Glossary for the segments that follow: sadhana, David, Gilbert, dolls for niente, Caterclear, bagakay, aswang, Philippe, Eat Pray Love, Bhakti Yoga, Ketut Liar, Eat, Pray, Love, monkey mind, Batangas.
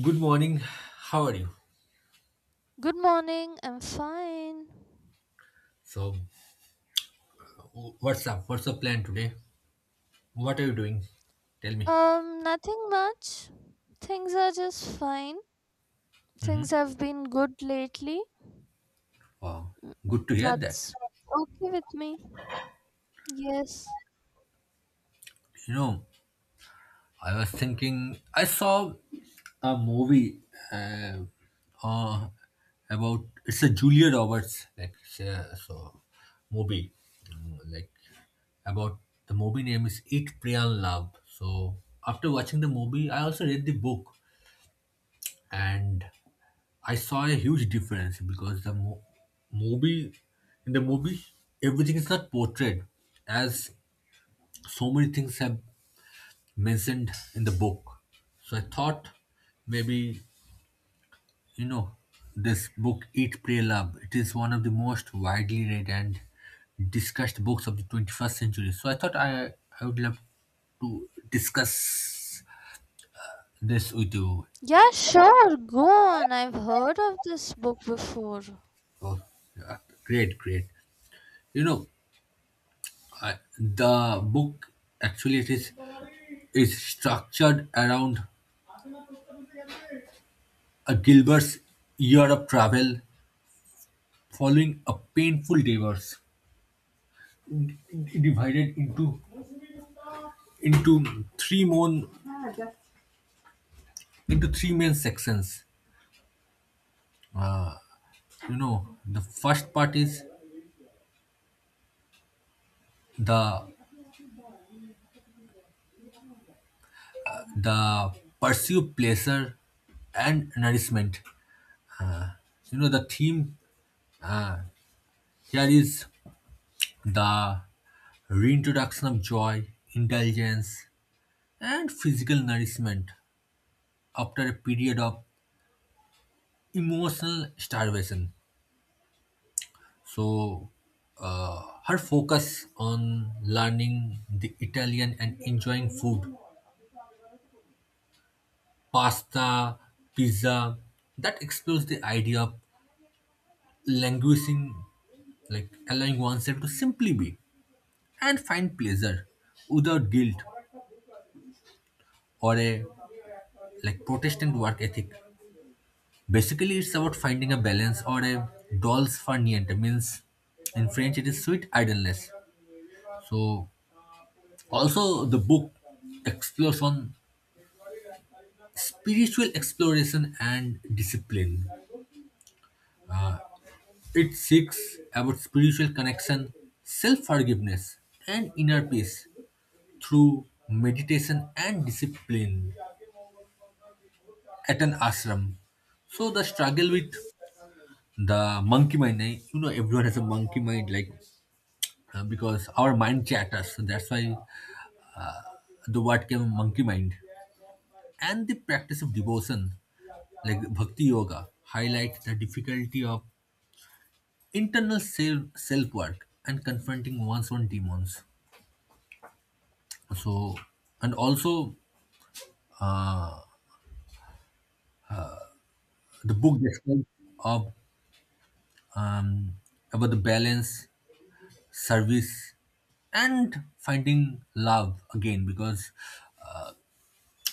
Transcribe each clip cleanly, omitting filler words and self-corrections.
Good morning. How are you? Good morning. I'm fine. So, what's up? What's the plan today? What are you doing? Tell me. Nothing much. Things are just fine. Things have been good lately. Wow, Mm, good to hear that. That's okay with me. Yes. You know, I was thinking, I saw a movie uh, uh, about it's a Julia Roberts, like it's so movie like about, the movie name is Eat Pray and Love. So after watching the movie, I also read the book, and I saw a huge difference because the movie, in the movie, everything is not portrayed as so many things have mentioned in the book. So I thought maybe, you know, this book, Eat, Pray, Love, it is one of the most widely read and discussed books of the 21st century. So I thought I would love to discuss this with you. Yeah, sure. Go on. I've heard of this book before. Oh, yeah, great, great. You know, the book, actually, it is structured around a Gilbert's year of travel following a painful divorce, d- divided into three main sections. You know, the first part is the the pursue pleasure and nourishment. You know, the theme uh, here is the reintroduction of joy, indulgence, and physical nourishment after a period of emotional starvation. So, her focus on learning the Italian and enjoying food, pasta, pizza, that explores the idea of languishing, like allowing oneself to simply be and find pleasure without guilt or a, like, Protestant work ethic. Basically, it's about finding a balance or a dolls for niente. Means in French, it is sweet idleness. So, also, the book explores on spiritual exploration and discipline. Uh, it seeks about spiritual connection, self forgiveness, and inner peace through meditation and discipline at an ashram. So the struggle with the monkey mind, eh, you know, everyone has a monkey mind, like because our mind chatters. So that's why the word came monkey mind. And the practice of devotion, like bhakti yoga, highlight the difficulty of internal self work and confronting one's own demons. So, and also, the book describes of um, about the balance, service, and finding love again, because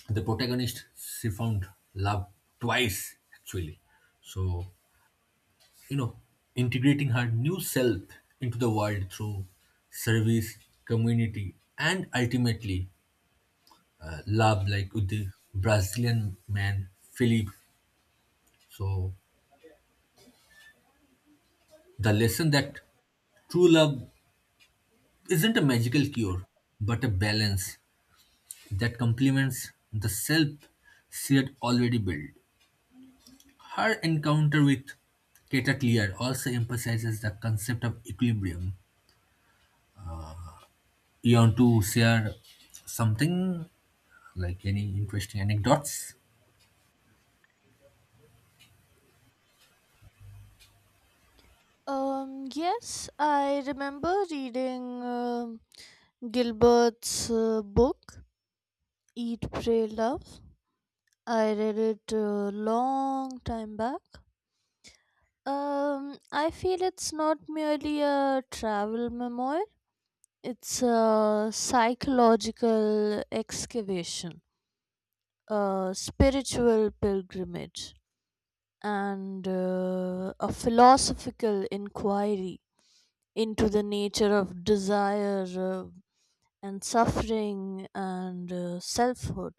the protagonist she found love twice actually. So, you know, integrating her new self into the world through service, community, and ultimately love, like with the Brazilian man Philippe. So, the lesson that true love isn't a magical cure, but a balance that complements the self she had already built. Her encounter with Caterclear also emphasizes the concept of equilibrium. You want to share something? Like any interesting anecdotes? Yes, I remember reading um Gilbert's book, Eat, Pray, Love. I read it a long time back. I feel it's not merely a travel memoir, it's a psychological excavation, a spiritual pilgrimage, and a philosophical inquiry into the nature of desire and suffering and selfhood.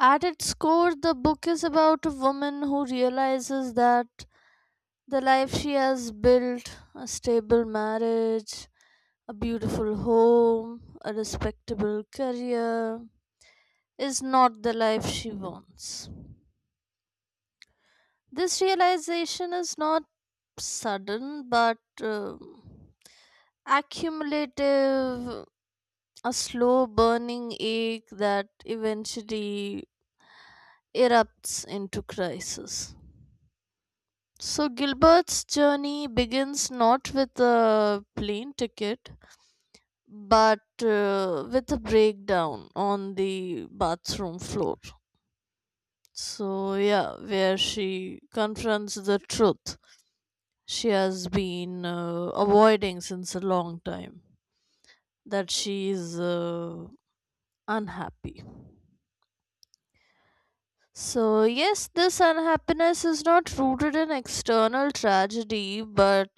At its core, the book is about a woman who realizes that the life she has built, a stable marriage, a beautiful home, a respectable career, is not the life she wants. This realization is not sudden but accumulative, a slow burning ache that eventually erupts into crisis. So Gilbert's journey begins not with a plane ticket but with a breakdown on the bathroom floor. So, yeah, where she confronts the truth she has been avoiding since a long time, that she is unhappy. So, yes, this unhappiness is not rooted in external tragedy but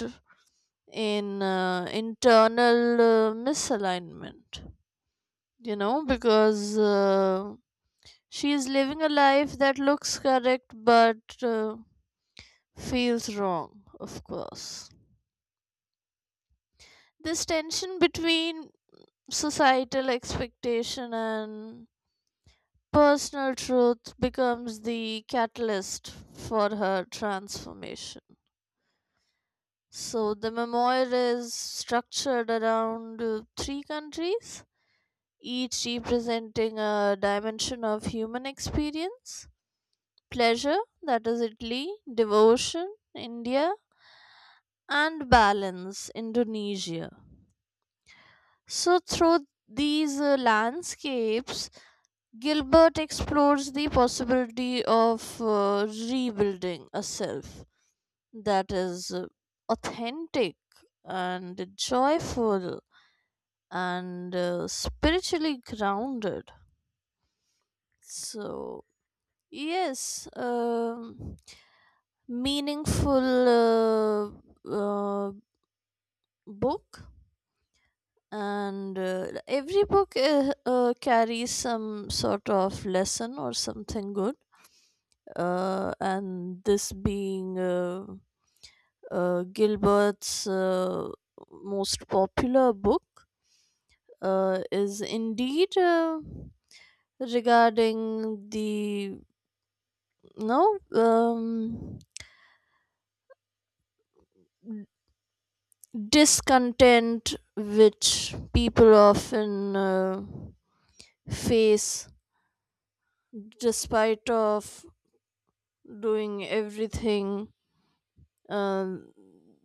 in internal misalignment, because she is living a life that looks correct but feels wrong, of course. This tension between societal expectation and personal truth becomes the catalyst for her transformation. So, the memoir is structured around three countries, each representing a dimension of human experience: pleasure, that is Italy; devotion, India; and balance, Indonesia. So, through these landscapes, Gilbert explores the possibility of rebuilding a self that is authentic and joyful and spiritually grounded. So, yes, meaningful uh, uh, book, and every book carries some sort of lesson or something good, and this being gilbert's most popular book, is indeed regarding the no discontent which people often face despite of doing everything, um,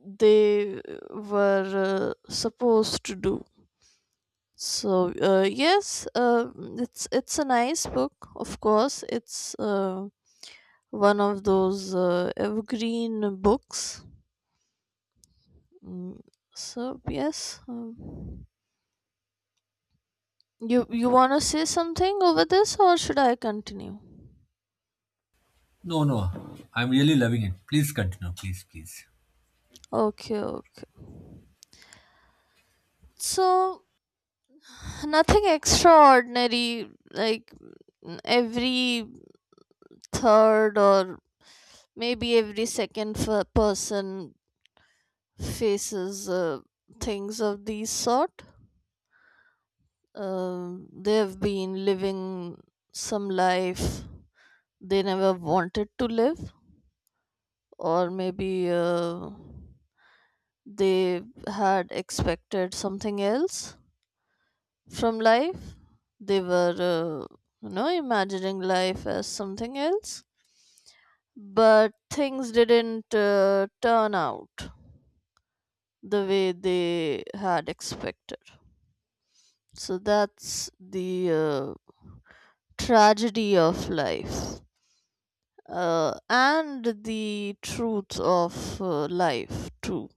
they were supposed to do. So yes, it's a nice book. Of course, it's one of those evergreen books. Mm, So yes, you want to say something over this, or should I continue? No, no. I'm really loving it. Please continue. Please, please. Okay, okay. So nothing extraordinary. Like every third, or maybe every second person faces things of these sort. They've been living some life they never wanted to live, or maybe they had expected something else from life. They were, uh, you know, imagining life as something else, but things didn't turn out the way they had expected. So that's the tragedy of life and the truth of life, too.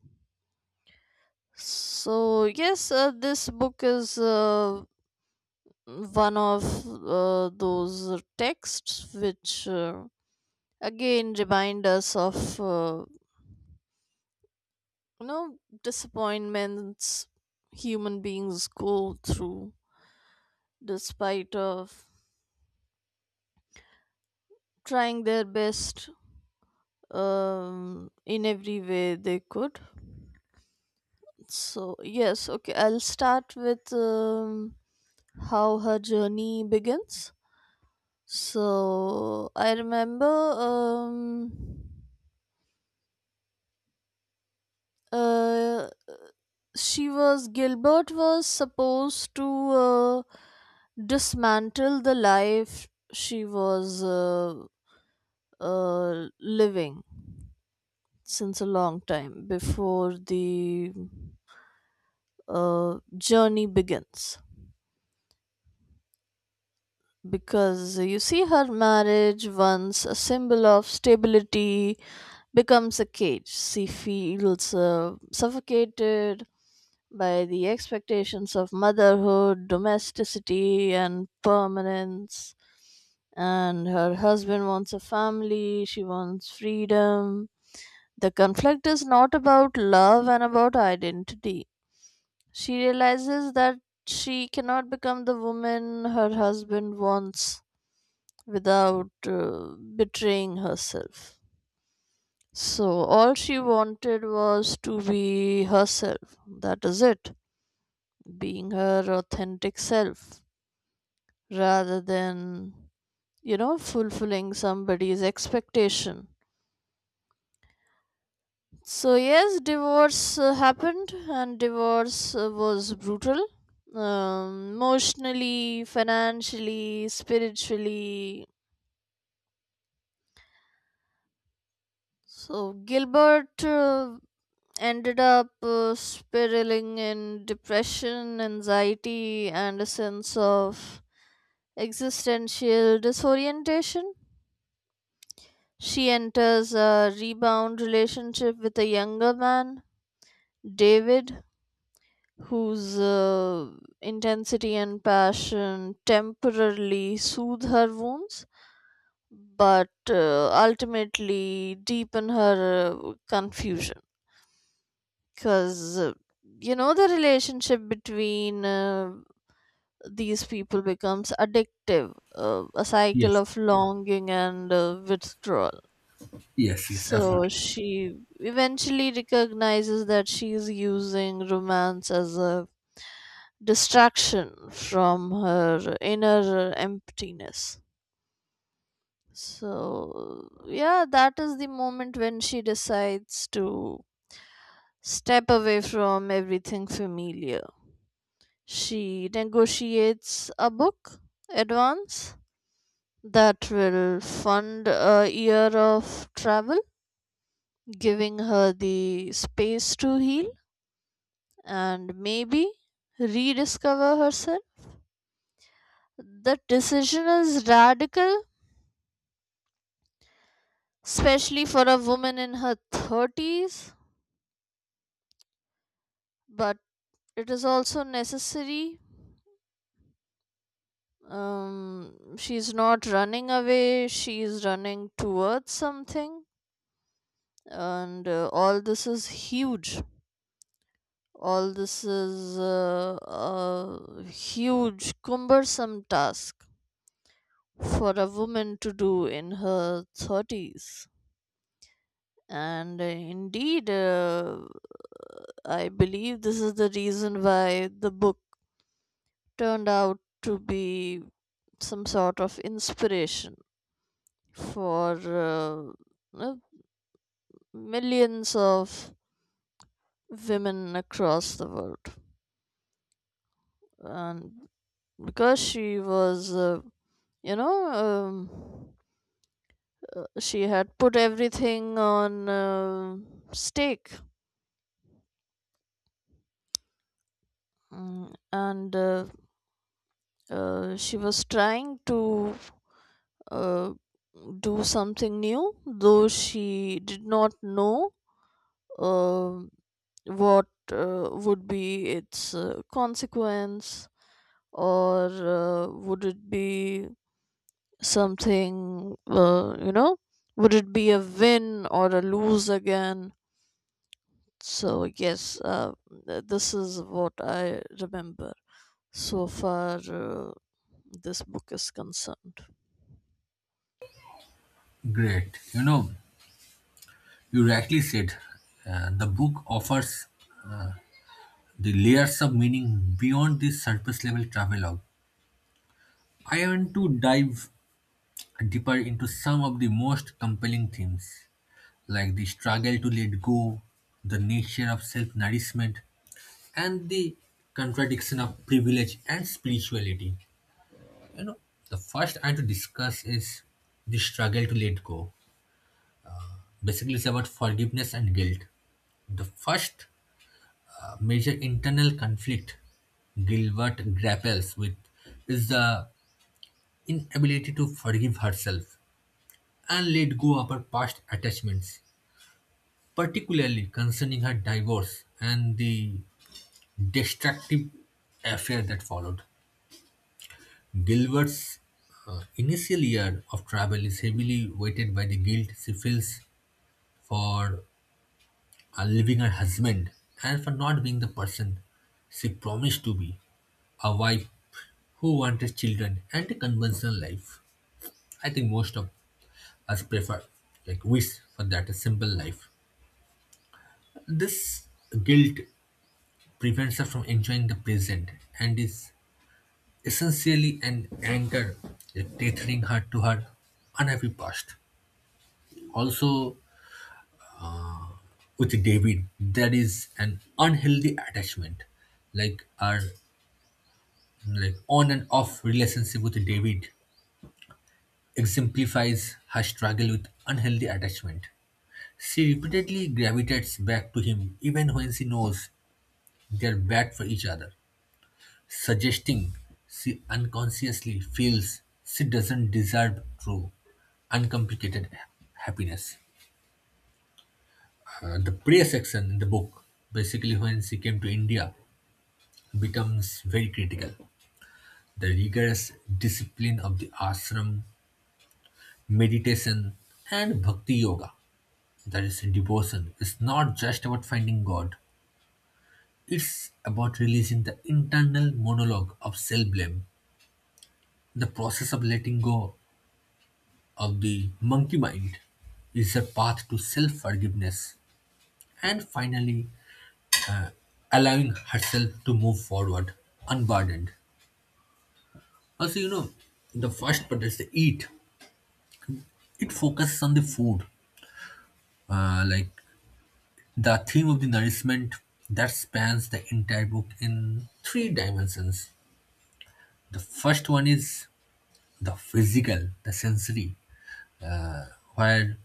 So, yes, this book is one of those texts which again remind us of, you know, disappointments human beings go through despite of trying their best, in every way they could. So, yes, okay, I'll start with how her journey begins. So, I remember uh, Gilbert was supposed to dismantle the life she was living since a long time before the journey begins. Because you see, her marriage, once a symbol of stability, becomes a cage. She feels suffocated by the expectations of motherhood, domesticity, and permanence, and her husband wants a family, she wants freedom. The conflict is not about love and about identity. She realizes that she cannot become the woman her husband wants without betraying herself. So, all she wanted was to be herself. That is it. Being her authentic self rather than, you know, fulfilling somebody's expectation. So, yes, divorce happened, and divorce was brutal. Emotionally, financially, spiritually. So, Gilbert ended up spiraling in depression, anxiety, and a sense of existential disorientation. She enters a rebound relationship with a younger man, David, whose intensity and passion temporarily soothe her wounds but ultimately deepen her confusion, because you know the relationship between these people becomes addictive, a cycle Yes. of longing and withdrawal. Yes, yes, So absolutely. she eventually recognizes that she is using romance as a distraction from her inner emptiness. So yeah, that is the moment when she decides to step away from everything familiar. She negotiates a book advance that will fund a year of travel, giving her the space to heal and maybe rediscover herself. The decision is radical, especially for a woman in her 30s, but it is also necessary. She's not running away, she's running towards something, and all this is huge. All this is a huge, cumbersome task for a woman to do in her 30s. And indeed, I believe this is the reason why the book turned out to be some sort of inspiration for uh, millions of women across the world. And because she was, you know, she had put everything on stake. And she was trying to uh, do something new, though she did not know uh, what would be its consequence, or would it be something, you know, would it be a win or a lose again. So yes, this is what I remember so far. This book is concerned. Great. You know, you rightly said the book offers the layers of meaning beyond the surface level travelogue. I want to dive deeper into some of the most compelling themes, like the struggle to let go, the nature of self nourishment, and the contradiction of privilege and spirituality. You know, the first I to discuss is the struggle to let go. Basically, it's about forgiveness and guilt. The first major internal conflict Gilbert grapples with is the inability to forgive herself and let go of her past attachments, particularly concerning her divorce and the destructive affair that followed. Gilbert's initial year of travel is heavily weighted by the guilt she feels for leaving her husband and for not being the person she promised to be, a wife who wanted children and a conventional life. I think most of us prefer, like, wish for that a simple life. This guilt prevents her from enjoying the present and is essentially an anchor, like, tethering her to her unhappy past. Also, with David, there is an unhealthy attachment, like our, like, on and off relationship with David exemplifies her struggle with unhealthy attachment. She repeatedly gravitates back to him even when she knows they are bad for each other, suggesting she unconsciously feels she doesn't deserve true, uncomplicated happiness. The prayer section in the book, basically when she came to India, becomes very critical. The rigorous discipline of the ashram, meditation and Bhakti Yoga, that is devotion, is not just about finding God. It's about releasing the internal monologue of self blame. The process of letting go of the monkey mind is a path to self forgiveness and finally allowing herself to move forward unburdened. Also, you know, the first part is the eat. It focuses on the food, like, the theme of the nourishment that spans the entire book in three dimensions. The first one is the physical, the sensory, where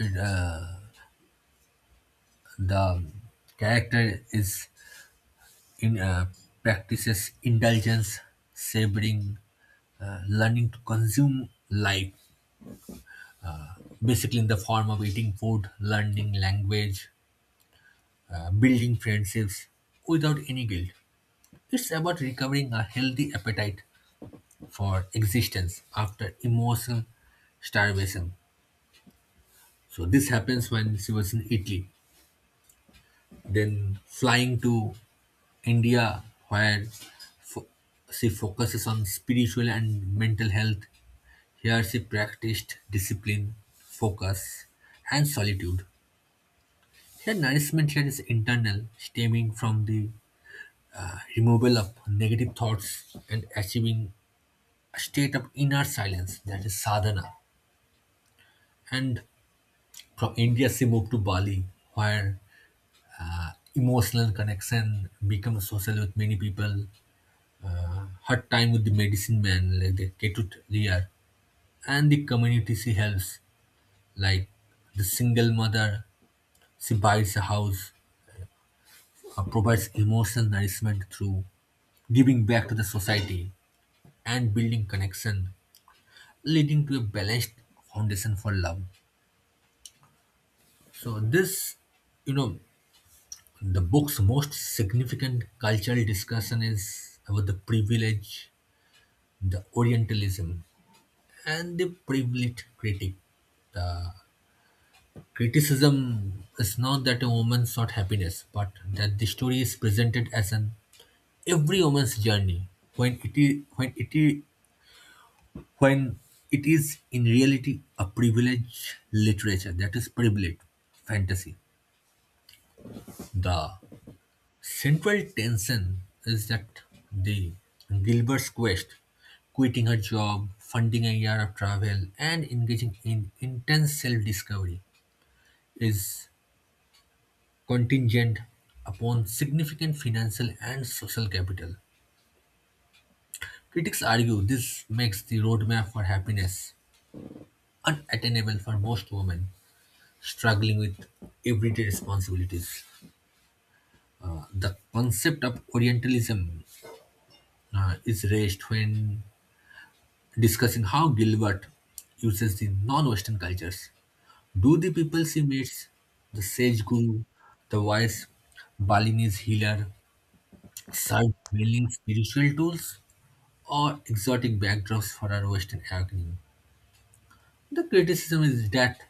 uh, the character is in practices indulgence, savoring, learning to consume life, basically in the form of eating food, learning language, building friendships without any guilt. It's about recovering a healthy appetite for existence after emotional starvation. So this happens when she was in Italy, then flying to India, where fo- she focuses on spiritual and mental health. Here she practiced discipline, focus, and solitude. Her nourishment here is internal, stemming from the removal of negative thoughts and achieving a state of inner silence, that is sadhana. And from India, she moved to Bali, where emotional connection became social with many people. Her time with the medicine man, like the Ketut Liar, and the community she helps, like the single mother, she buys a house, provides emotional nourishment through giving back to the society and building connection, leading to a balanced foundation for love. So this, you know, the book's most significant cultural discussion is about the privilege, the Orientalism, and the privileged critic. The criticism is not that a woman sought happiness, but that the story is presented as an every woman's journey when it is when it is when it is in reality a privileged literature, that is privileged fantasy. The central tension is that the Gilbert's quest, quitting her job, funding a year of travel, and engaging in intense self-discovery is contingent upon significant financial and social capital. Critics argue this makes the roadmap for happiness unattainable for most women struggling with everyday responsibilities. The concept of Orientalism is raised when discussing how Gilbert uses the non-Western cultures. Do the people he meets, the sage guru, the wise Balinese healer, serve mainly spiritual tools or exotic backdrops for our Western awakening? The criticism is that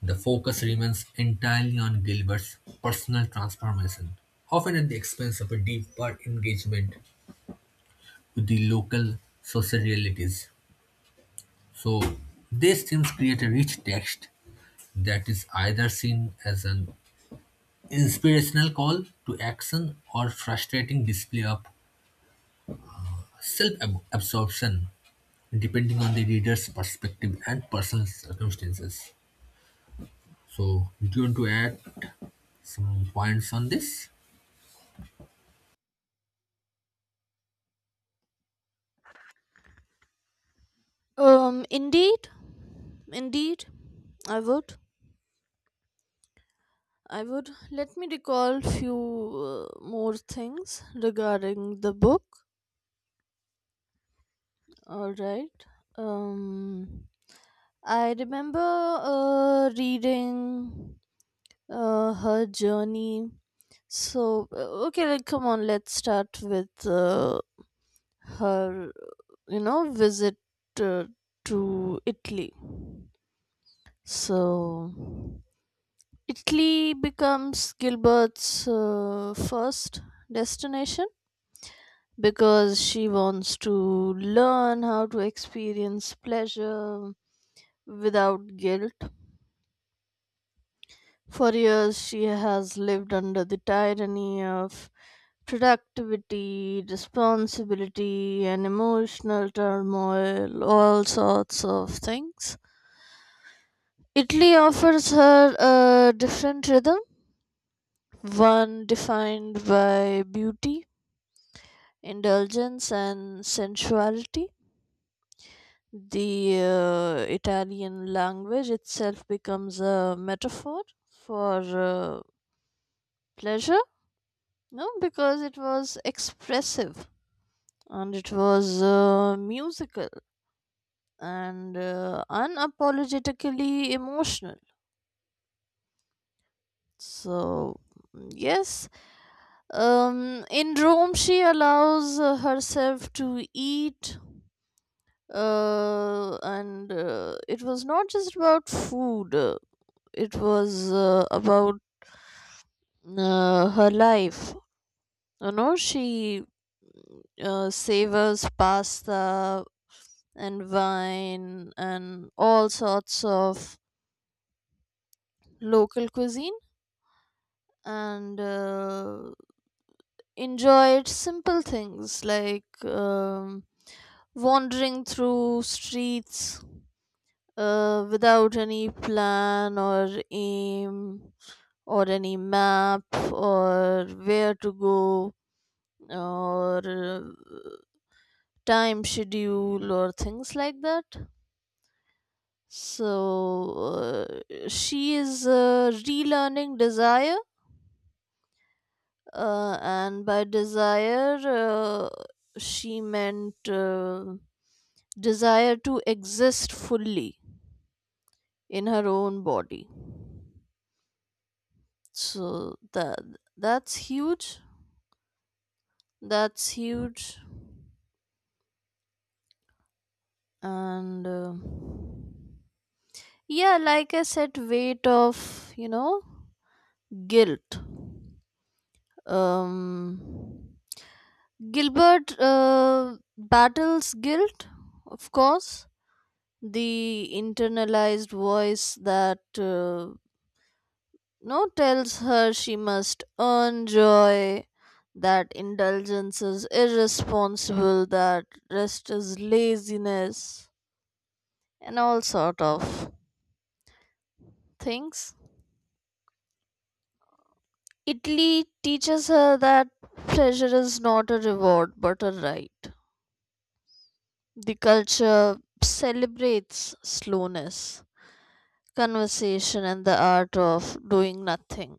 the focus remains entirely on Gilbert's personal transformation, often at the expense of a deeper engagement with the local social realities. So, these themes create a rich text that is either seen as an inspirational call to action or frustrating display of self-absorption depending on the reader's perspective and personal circumstances. So do you want to add some points on this? Indeed, indeed, I would. I would. Let me recall few more things regarding the book. All right. Um, I remember reading her journey. So okay, like, come on. Let's start with her, you know, visit uh, to Italy. So, Italy becomes Gilbert's first destination because she wants to learn how to experience pleasure without guilt. For years, she has lived under the tyranny of productivity, responsibility, and emotional turmoil, all sorts of things. Italy offers her a different rhythm, one defined by beauty, indulgence, and sensuality. The Italian language itself becomes a metaphor for pleasure, no, because it was expressive and it was musical and unapologetically emotional. So, yes, in Rome, she allows herself to eat, and it was not just about food, it was about her life. You know, she savors pasta and wine and all sorts of local cuisine, and enjoyed simple things like wandering through streets without any plan or aim or any map or where to go or time schedule or things like that. So she is relearning desire, and by desire, she meant. Desire to exist fully in her own body, so that that's huge. That's huge. And yeah, like I said, weight of, you know, guilt. um Gilbert battles guilt, of course, the internalized voice that no, tells her she must earn joy, that indulgence is irresponsible, that rest is laziness, and all sort of things. Italy teaches her that pleasure is not a reward but a right. The culture celebrates slowness, conversation, and the art of doing nothing.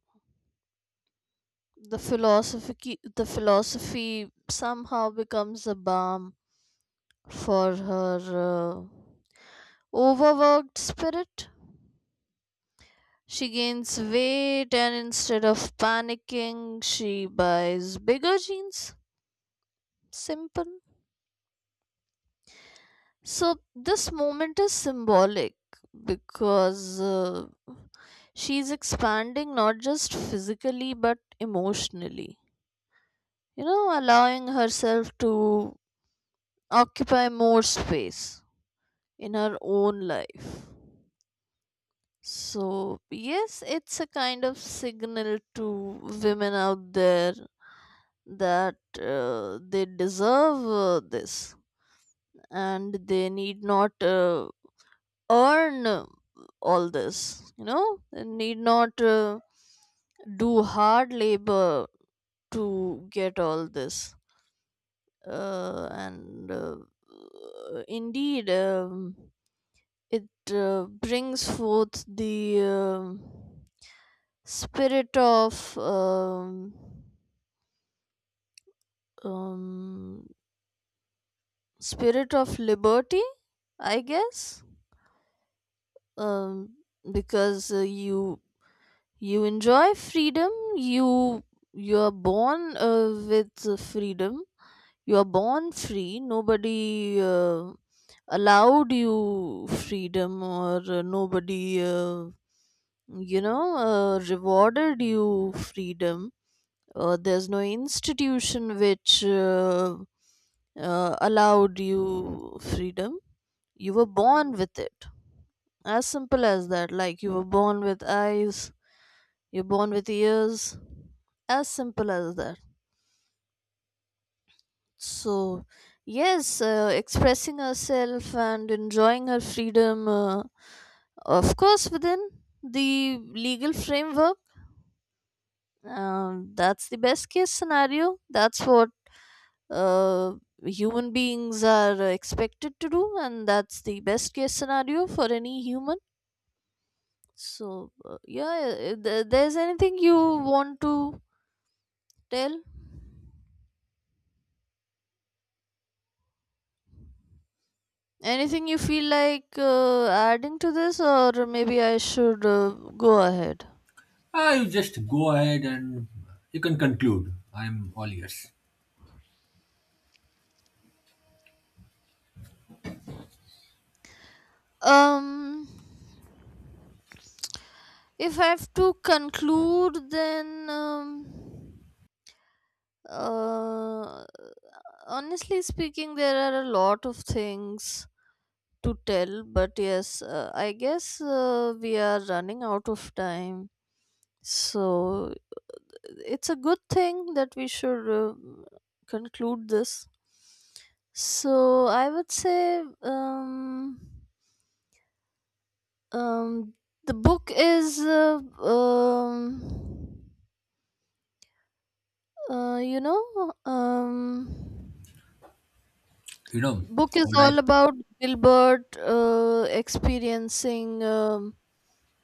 The philosophy somehow becomes a balm for her overworked spirit. She gains weight, and instead of panicking, she buys bigger jeans. Simple. So, this moment is symbolic because she's expanding not just physically but emotionally. You know, allowing herself to occupy more space in her own life. So, yes, it's a kind of signal to women out there that they deserve this, and they need not earn all this. You know, they need not do hard labor to get all this. And indeed, it brings forth the. Spirit of um, um, spirit of liberty, I guess. Um, because you enjoy freedom. You you are born with freedom. You are born free. Nobody allowed you freedom, or nobody you know rewarded you freedom. There's no institution which allowed you freedom. You were born with it, as simple as that. Like, you were born with eyes, you're born with ears. As simple as that. So yes, expressing herself and enjoying her freedom, of course within the legal framework. That's the best case scenario. That's what uh, human beings are expected to do, and that's the best case scenario for any human. So yeah, there's anything you want to tell, anything you feel like adding to this, or maybe I should go ahead? Ah, you just go ahead and you can conclude, I'm all ears. um if I have to conclude, then uh honestly speaking, there are a lot of things to tell, but yes, I guess we are running out of time. So it's a good thing that we should conclude this. So I would say um, the book is, you know, You know book is what I, all about Gilbert experiencing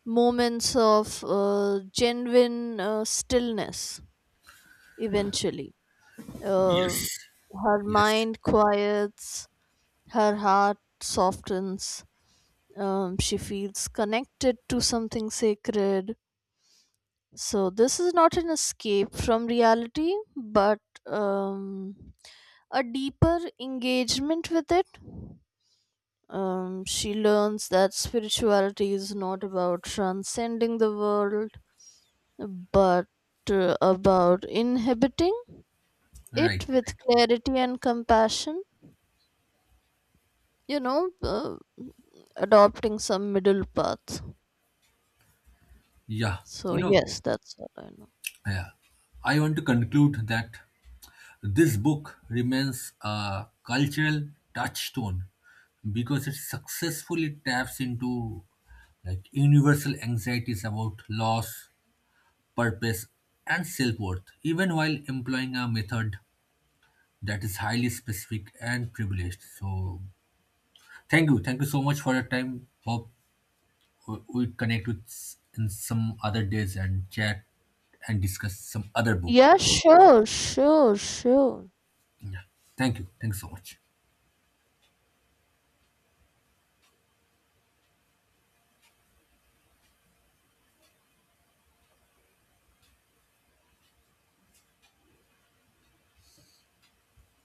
moments of genuine stillness eventually. Uh, yes, Her yes, mind quiets, her heart softens, she feels connected to something sacred. So, this is not an escape from reality, but um, a deeper engagement with it. She learns that spirituality is not about transcending the world but about inhabiting right, it with right, clarity and compassion, you know, adopting some middle path. yeah, So, you know, yes, that's what I know. yeah, I want to conclude that this book remains a cultural touchstone because it successfully taps into, like, universal anxieties about loss, purpose, and self-worth, even while employing a method that is highly specific and privileged. So thank you. Thank you so much for your time. Hope we connect with in some other days and chat and discuss some other book. Yeah, sure, sure, sure. Yeah. Thank you. Thanks so much.